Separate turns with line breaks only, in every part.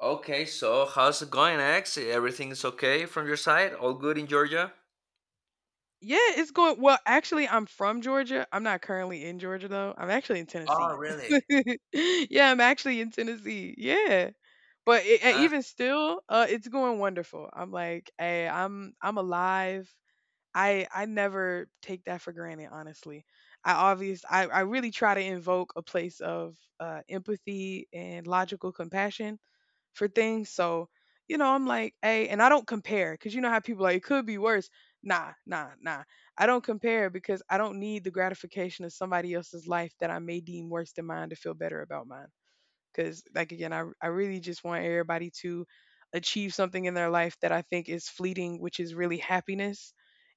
Okay, so how's it going, X? Everything's okay from your side? All good in Georgia?
Yeah, it's going well. Actually, I'm from Georgia. I'm not currently in Georgia though. I'm actually in
Oh,
Tennessee.
really?
Yeah, I'm actually in Tennessee. Yeah, but it,
Uh,
even still, it's going wonderful. I'm like, hey, I'm alive. I never take that for granted, honestly. I really try to invoke a place of empathy and logical compassion for things. So, I'm like, hey, and I don't compare because you know how people are, like, it could be worse. Nah, nah, nah. I don't compare because I don't need the gratification of somebody else's life that I may deem worse than mine to feel better about mine. Because, like, again, I really just want everybody to achieve something in their life that I think is fleeting, which is really happiness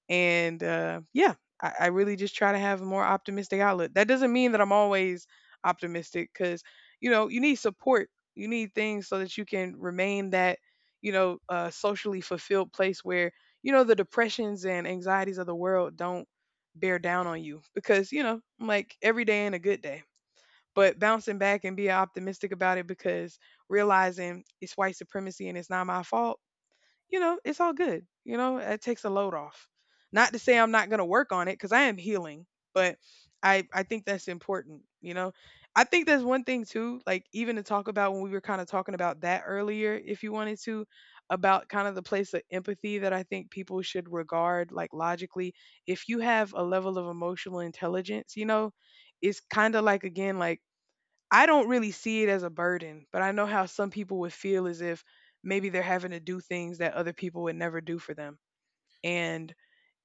and yeah, I really just try to have a more optimistic outlook. That doesn't mean that I'm always optimistic, because you know you need support, you need things so that you can remain that, you know, socially fulfilled place where, you know, the depressions and anxieties of the world don't bear down on you. Because, you know, I'm like, every day ain't a good day, but bouncing back and be optimistic about it because realizing it's white supremacy and it's not my fault, you know, it's all good. You know, it takes a load off. Not to say I'm not going to work on it because I am healing, but I think that's important. You know, I think that's one thing too, like, even to talk about when we were kind of talking about that earlier, if you wanted to, about kind of the place of empathy that I think people should regard like logically. If you have a level of emotional intelligence, you know, it's kind of like, again, like, I don't really see it as a burden, but I know how some people would feel as if maybe they're having to do things that other people would never do for them. And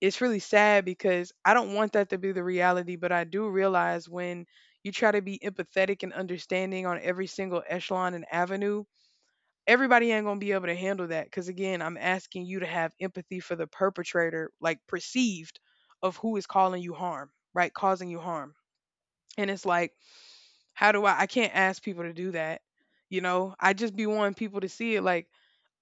it's really sad because I don't want that to be the reality, but I do realize when you try to be empathetic and understanding on every single echelon and avenue, everybody ain't going to be able to handle that. Because again, I'm asking you to have empathy for the perpetrator, like, perceived of who is calling you harm, right? Causing you harm. And it's like, how do I, can't ask people to do that. You know, I just be wanting people to see it like,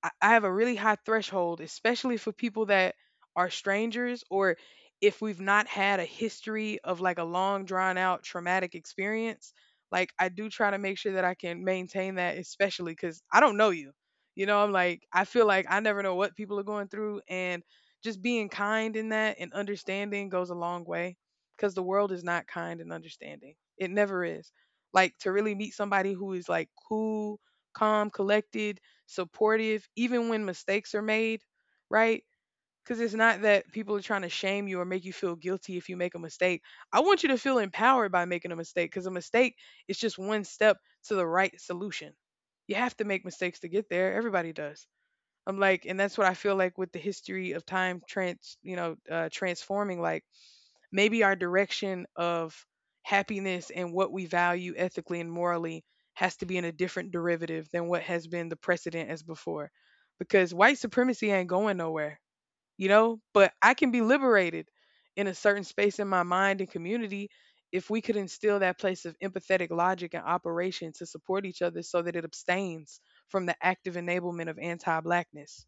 I have a really high threshold, especially for people that are strangers, or if we've not had a history of like a long drawn out traumatic experience. Like, I do try to make sure that I can maintain that, especially because I don't know you. You know, I'm like, I feel like I never know what people are going through. And just being kind in that and understanding goes a long way because the world is not kind and understanding. It never is. Like, to really meet somebody who is like cool, calm, collected, supportive, even when mistakes are made, right? Because it's not that people are trying to shame you or make you feel guilty if you make a mistake. I want you to feel empowered by making a mistake, because a mistake is just one step to the right solution. You have to make mistakes to get there. Everybody does. I'm like, and that's what I feel like with the history of time transforming. Like, maybe our direction of happiness and what we value ethically and morally has to be in a different derivative than what has been the precedent as before. Because white supremacy ain't going nowhere, you know, but I can be liberated in a certain space in my mind and community if we could instill that place of empathetic logic and operation to support each other so that it abstains from the active enablement of anti-blackness.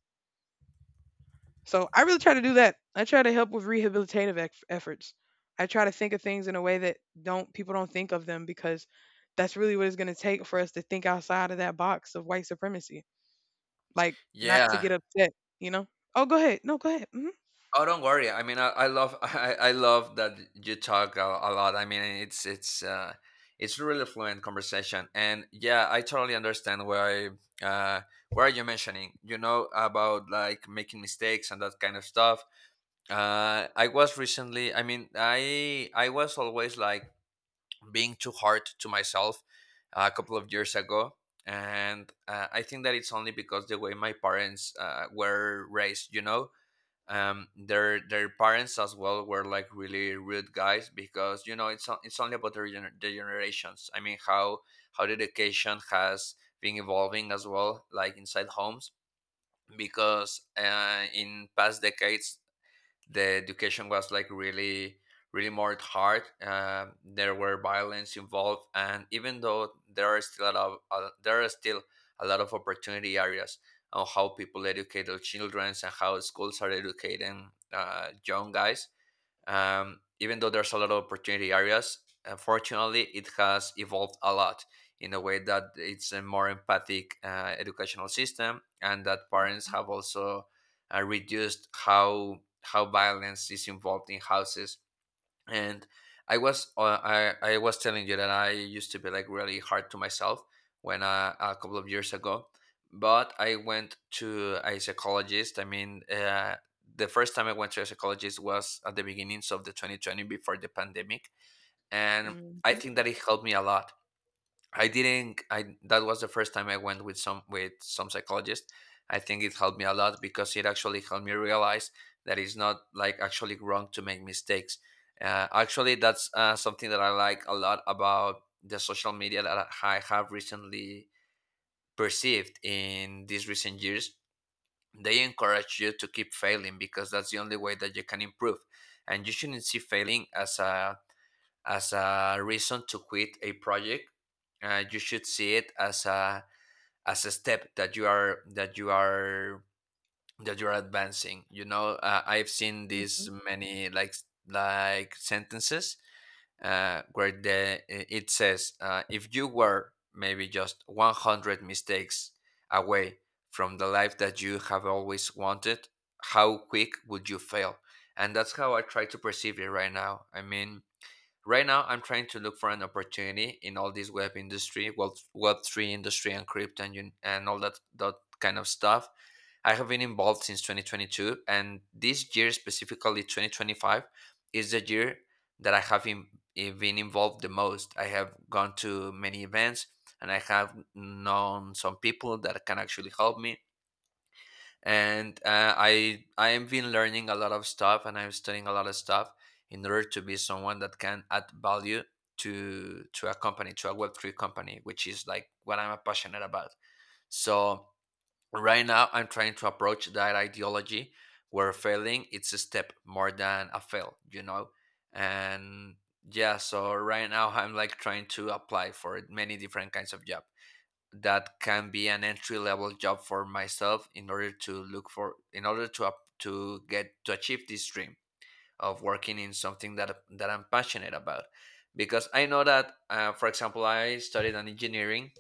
So I really try to do that. I try to help with rehabilitative efforts. I try to think of things in a way that don't, people don't think of them, because that's really what it's going to take for us to think outside of that box of white supremacy. Like, not to
yeah.
get upset, you know? Oh, go ahead. No, go ahead. Hmm.
Oh, don't worry. I mean, I love I love that you talk a lot. I mean, it's a really fluent conversation, and yeah, I totally understand uh, why you mentioning. You know about like making mistakes and that kind of stuff. I was recently. I mean, I was always like being too hard to myself a couple of years ago, and I think that it's only because the way my parents were raised, you know. Their parents as well were like really rude guys because, you know, it's only about the generations. I mean how the education has been evolving as well, like inside homes, because in past decades the education was like really really more hard. There were violence involved, and even though there are still a lot of, there are still a lot of opportunity areas on how people educate their children and how schools are educating young guys. Even though there's a lot of opportunity areas, unfortunately, it has evolved a lot in a way that it's a more empathic educational system, and that parents have also reduced how violence is involved in houses. And I was telling you that I used to be like really hard to myself when a couple of years ago, but I went to a psychologist. I mean, the first time I went to a psychologist was at the beginnings of the 2020 before the pandemic, and I
Hmm.
think that it helped me a lot. I didn't. I that was the first time I went with some psychologist. I think it helped me a lot because it actually helped me realize that it's not like actually wrong to make mistakes. Actually, that's something that I like a lot about the social media that I have recently perceived in these recent years. They encourage you to keep failing because that's the only way that you can improve, and you shouldn't see failing as a reason to quit a project. You should see it as a step that you are that you are advancing. You know, I've seen
Hmm.
these many like sentences where the it says if you were maybe just 100 mistakes away from the life that you have always wanted, how quick would you fail? And that's how I try to perceive it right now. Right now, I'm trying to look for an opportunity in all this web industry, web three industry, and crypto and, and all that that kind of stuff. I have been involved since 2022, and this year specifically 2025 is the year that I have in, eh, been involved the most. I have gone to many events, and I have known some people that can actually help me. And I I've been learning a lot of stuff, and I'm studying a lot of stuff in order to be someone that can add value to a company, to a web3 company, which is like what I'm passionate about. So right now I'm trying to approach that ideology where failing it's a step more than a fail, you know. And yeah, so right now I'm like trying to apply for many different kinds of job that can be an entry level job for myself in order to look for, in order to up to get to achieve this dream of working in something that I'm passionate about, because I know that, for example, I studied an engineering.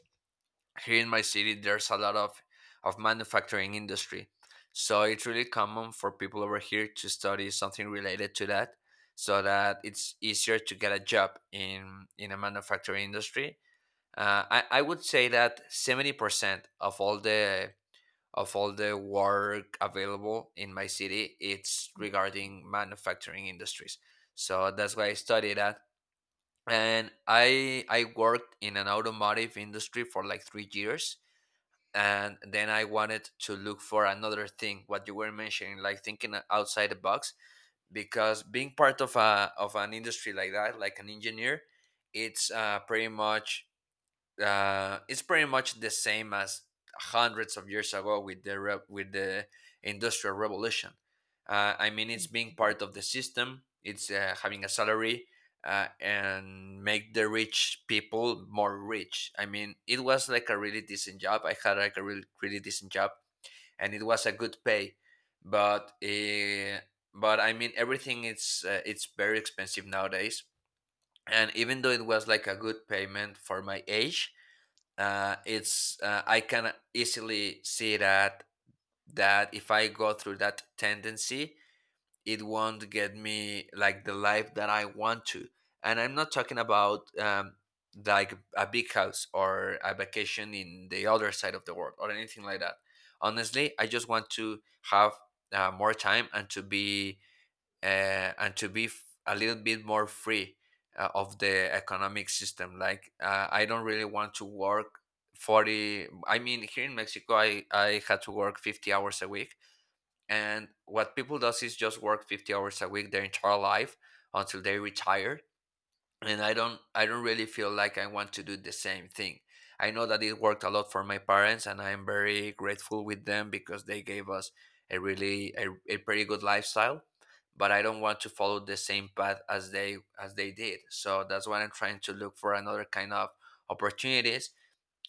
Here in my city there's a lot of manufacturing industry, so it's really common for people over here to study something related to that, so that it's easier to get a job in a manufacturing industry. I would say that 70% of all the work available in my city it's regarding manufacturing industries, so that's why I studied that. And I worked in an automotive industry for like 3 years, and then I wanted to look for another thing, what you were mentioning like thinking outside the box, because being part of a of an industry like that, like an engineer, it's uh, pretty much it's pretty much the same as hundreds of years ago with with the industrial revolution. I mean, it's being part of the system. It's having a salary and make the rich people more rich. I mean, it was like a really decent job. I had like a really really decent job, and it was a good pay, but. Uh, but I mean, everything it's very expensive nowadays. And even though it was like a good payment for my age, it's I can easily see that that if I go through that tendency, it won't get me like the life that I want to. And I'm not talking about like a big house or a vacation in the other side of the world or anything like that. Honestly, I just want to have more time and to be a little bit more free of the economic system. Like I don't really want to work 40. I mean, here in Mexico, I had to work 50 hours a week. And what people does is just work 50 hours a week their entire life until they retire. And I don't really feel like I want to do the same thing. I know that it worked a lot for my parents, and I'm very grateful with them because they gave us a really a, a pretty good lifestyle, but I don't want to follow the same path as they did. So that's why I'm trying to look for another kind of opportunities.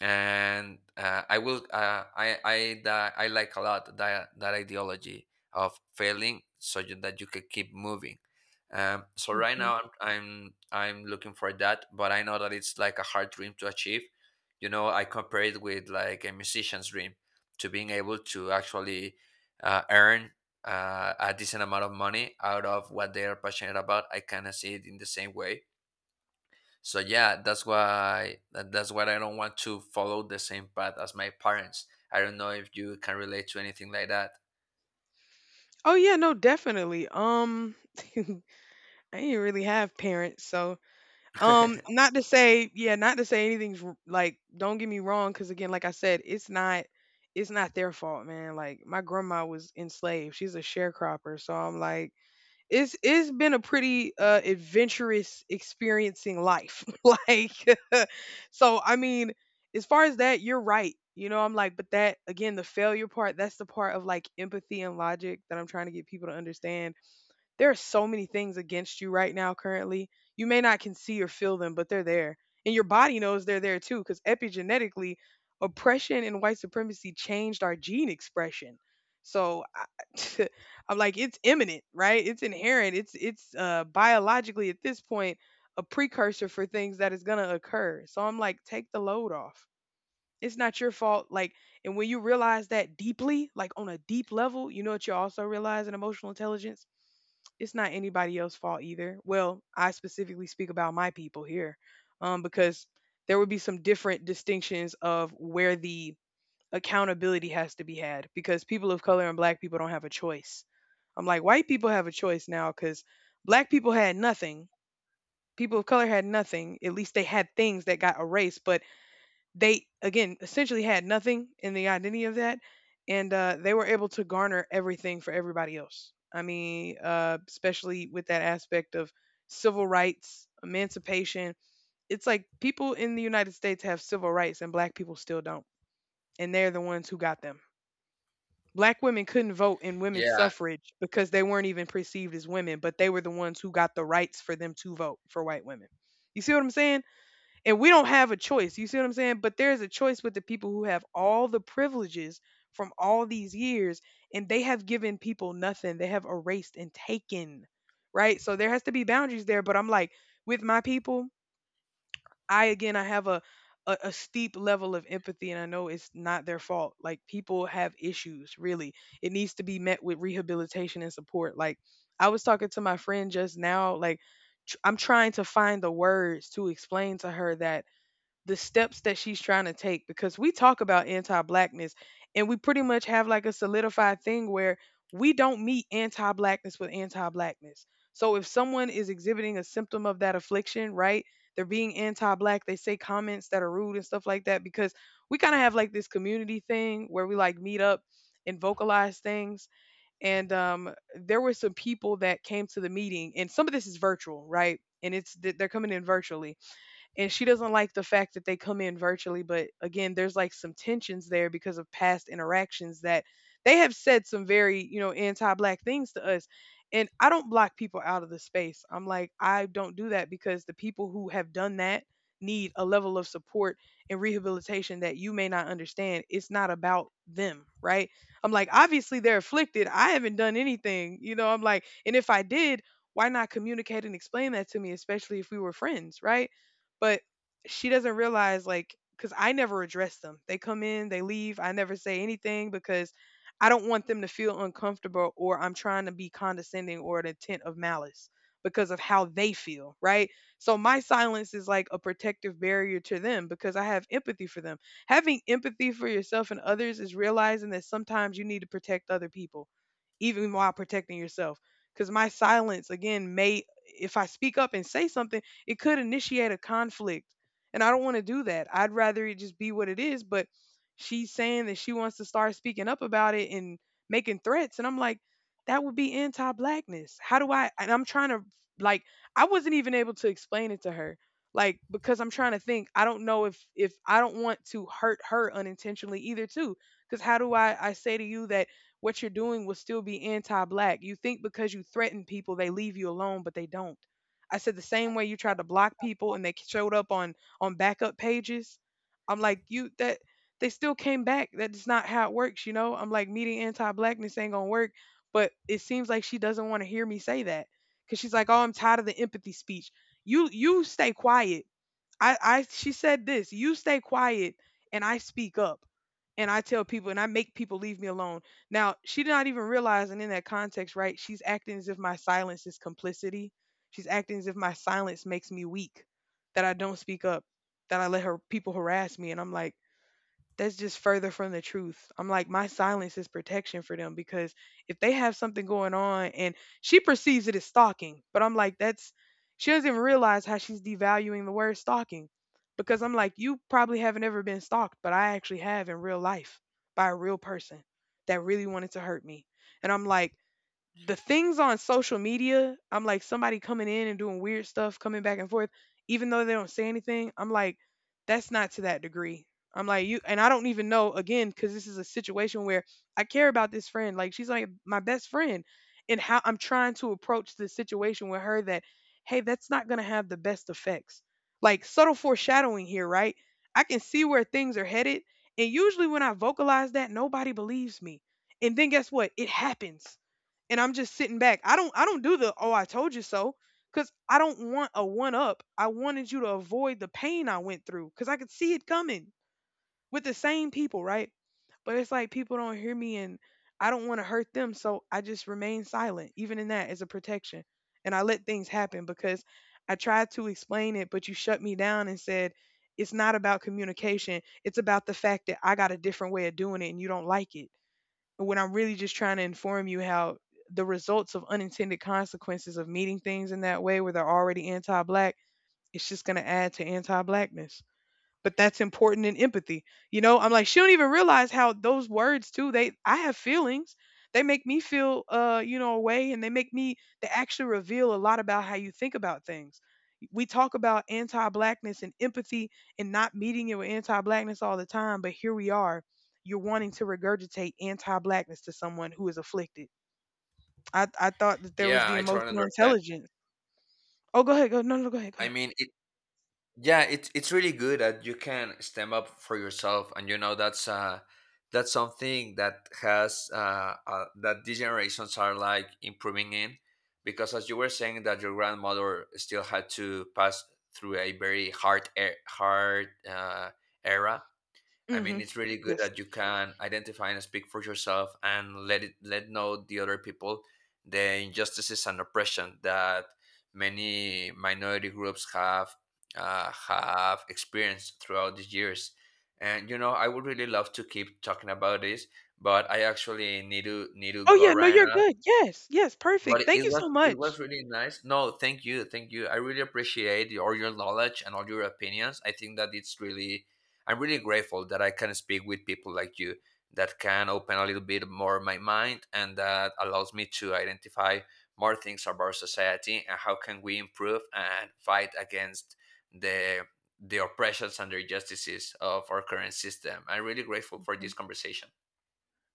And I that I like a lot that that ideology of failing so that you can keep moving. So right
Hmm.
now I'm I'm looking for that, but I know that it's like a hard dream to achieve. You know, I compare it with like a musician's dream to being able to actually earn a decent amount of money out of what they are passionate about. I kind of see it in the same way. So yeah, that's why I don't want to follow the same path as my parents. I don't know if you can relate to anything like that.
Oh yeah, no, definitely. I didn't really have parents, so, not to say, yeah, not to say anything's like, don't get me wrong, because again, like I said, it's not their fault, man. Like, my grandma was enslaved; she's a sharecropper, so I'm like, it's been a pretty adventurous experiencing life, like, so I mean, as far as that, you're right. You know, I'm like, but that again, the failure part, that's the part of like empathy and logic that I'm trying to get people to understand. There are so many things against you right now currently. You may not can see or feel them, but they're there. And your body knows they're there too, cuz epigenetically oppression and white supremacy changed our gene expression. So I, I'm like, it's imminent, right? It's inherent. It's biologically at this point a precursor for things that is going to occur. So I'm like, take the load off. It's not your fault, like, and when you realize that deeply, like on a deep level, you know what you also realize in emotional intelligence? It's not anybody else's fault either. Well, I specifically speak about my people here, because there would be some different distinctions of where the accountability has to be had, because people of color and black people don't have a choice. I'm like, white people have a choice now because black people had nothing. People of color had nothing. At least they had things that got erased, but they again essentially had nothing in the identity of that. And they were able to garner everything for everybody else. I mean, especially with that aspect of civil rights, emancipation, it's like people in the United States have civil rights and black people still don't, and they're the ones who got them. Black women couldn't vote in women's
Yeah,
suffrage because they weren't even perceived as women, but they were the ones who got the rights for them to vote, for white women. You see what I'm saying? And we don't have a choice. You see what I'm saying? But there's a choice with the people who have all the privileges from all these years, and they have given people nothing. They have erased and taken, right? So there has to be boundaries there. But I'm like, with my people, I again, I have a steep level of empathy and I know it's not their fault. Like, people have issues, really. It needs to be met with rehabilitation and support. Like, I was talking to my friend just now, like, I'm trying to find the words to explain to her that the steps that she's trying to take, because we talk about anti-blackness, and we pretty much have like a solidified thing where we don't meet anti-blackness with anti-blackness. So if someone is exhibiting a symptom of that affliction, right? They're being anti-black, they say comments that are rude and stuff like that, because we kind of have like this community thing where we like meet up and vocalize things, and um, there were some people that came to the meeting, and some of this is virtual, right? And they're coming in virtually, and she doesn't like the fact that they come in virtually, but again, there's like some tensions there because of past interactions, that they have said some very, you know, anti-black things to us. And I don't block people out of the space. I'm like, I don't do that because the people who have done that need a level of support and rehabilitation that you may not understand. It's not about them, right? I'm like, obviously they're afflicted. I haven't done anything, you know. I'm like, and if I did, why not communicate and explain that to me, especially if we were friends, right? But she doesn't realize, like, because I never address them. They come in, they leave. I never say anything because I don't want them to feel uncomfortable, or I'm trying to be condescending or an intent of malice because of how they feel, right? So my silence is like a protective barrier to them because I have empathy for them. Having empathy for yourself and others is realizing that sometimes you need to protect other people, even while protecting yourself. Because my silence, again, may, if I speak up and say something, it could initiate a conflict. And I don't want to do that. I'd rather it just be what it is. But she's saying that she wants to start speaking up about it and making threats. And I'm like, that would be anti blackness. How do I? And I'm trying to, like, I wasn't even able to explain it to her. Like, because I'm trying to think, I don't know if I don't want to hurt her unintentionally either, too. Because how do I say to you that what you're doing will still be anti black? You think because you threaten people, they leave you alone, but they don't. I said the same way you tried to block people and they showed up on backup pages. I'm like, you that they still came back. That's not how it works, you know? I'm like, meeting anti-blackness ain't gonna work. But it seems like she doesn't want to hear me say that. Cause she's like, oh, I'm tired of the empathy speech. You stay quiet. I she said this, you stay quiet and I speak up and I tell people and I make people leave me alone. Now, she did not even realize and in that context, right? She's acting as if my silence is complicity. She's acting as if my silence makes me weak, that I don't speak up, that I let her people harass me, and I'm like that's just further from the truth. I'm like, my silence is protection for them because if they have something going on and she perceives it as stalking, but I'm like, that's she doesn't even realize how she's devaluing the word stalking because I'm like, you probably haven't ever been stalked, but I actually have in real life by a real person that really wanted to hurt me. And I'm like, the things on social media, I'm like somebody coming in and doing weird stuff, coming back and forth, even though they don't say anything. I'm like, that's not to that degree. I'm like, you, and I don't even know again, because this is a situation where I care about this friend. Like, she's like my best friend, and how I'm trying to approach the situation with her that, hey, that's not going to have the best effects. Like, subtle foreshadowing here, right? I can see where things are headed. And usually when I vocalize that, nobody believes me. And then guess what? It happens and I'm just sitting back. I don't do the oh I told you so cuz I don't want a one up. I wanted you to avoid the pain I went through cuz I could see it coming with the same people, right? But it's like people don't hear me and I don't want to hurt them, so I just remain silent even in that as a protection. And I let things happen because I tried to explain it, but you shut me down and said it's not about communication. It's about the fact that I got a different way of doing it and you don't like it when I'm really just trying to inform you how the results of unintended consequences of meeting things in that way where they're already anti black, it's just going to add to anti blackness, but that's important in empathy. You know, I'm like, she don't even realize how those words too, they I have feelings. They make me feel you know, a way, and they make me they actually reveal a lot about how you think about things. We talk about anti-blackness and empathy and not meeting it with anti-blackness all the time, but here we are. You're wanting to regurgitate anti-blackness to someone who is afflicted. I thought that there was
yeah,
the
I totally
emotional
understand.
intelligence. Oh, go ahead. Go no no go ahead. Go
I
ahead.
mean, yeah, it's really good that you can stand up for yourself, and you know that's that's something that has that these generations are like improving in, because as you were saying that your grandmother still had to pass through a very hard era, I mean,
Mhm.
it's really good
Yes.
that you can identify and speak for yourself and let know the other people the injustices and oppression that many minority groups have experienced throughout these years. And you know, I would really love to keep talking about this, but I actually need to
Oh,
go
yeah. No,
right
you're
now.
good. Yes. Yes.
But
Perfect.
it
Thank
it
you
was
so
it was
much.
really nice. No, thank you, thank you. I really appreciate your, all your knowledge and all your opinions. I think that it's really, I'm really grateful that I can speak with people like you that can open a little bit more my mind and that allows me to identify more things about society and how can we improve and fight against the the oppressions and the injustices of our current system. I'm really grateful for this
Mhm.
conversation.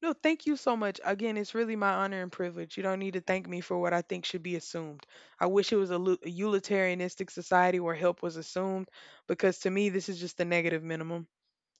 No, thank you so much. Again, it's really my honor and privilege. You don't need to thank me for what I think should be assumed. I wish it was a, lu- a utilitarianistic society where help was assumed because to me, this is just the negative minimum.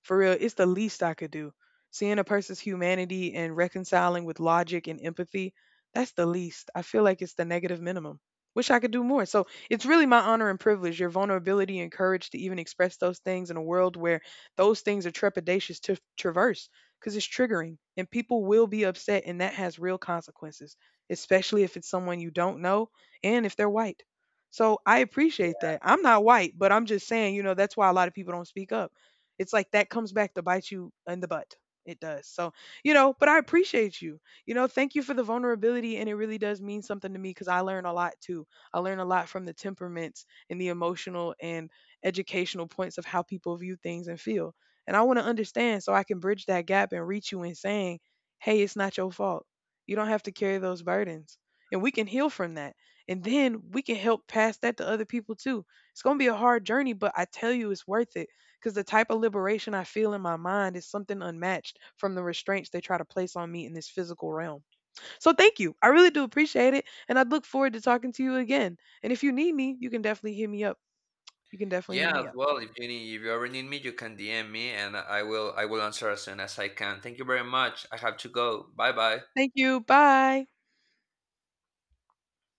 For real, it's the least I could do. Seeing a person's humanity and reconciling with logic and empathy, that's the least. I feel like it's the negative minimum. Wish I could do more. So it's really my honor and privilege, your vulnerability and courage to even express those things in a world where those things are trepidatious to traverse because it's triggering and people will be upset and that has real consequences, especially if it's someone you don't know and if they're white. So I appreciate
Yeah.
that. I'm not white, but I'm just saying, you know, that's why a lot of people don't speak up, it's like that comes back to bite you in the butt. It does. So, you know, but I appreciate you. You know, thank you for the vulnerability. And it really does mean something to me because I learn a lot too. I learn a lot from the temperaments and the emotional and educational points of how people view things and feel. And I want to understand so I can bridge that gap and reach you in saying, hey, it's not your fault. You don't have to carry those burdens. And we can heal from that. And then we can help pass that to other people too. It's going to be a hard journey, but I tell you, it's worth it because the type of liberation I feel in my mind is something unmatched from the restraints they try to place on me in this physical realm. So thank you. I really do appreciate it. And I look forward to talking to you again. And if you need me, you can definitely hit me up. You can definitely hit
Yeah, as
me up.
well. If you ever need me, you can DM me, and I will answer as soon as I can. Thank you very much. I have to go. Bye bye.
Thank you. Bye.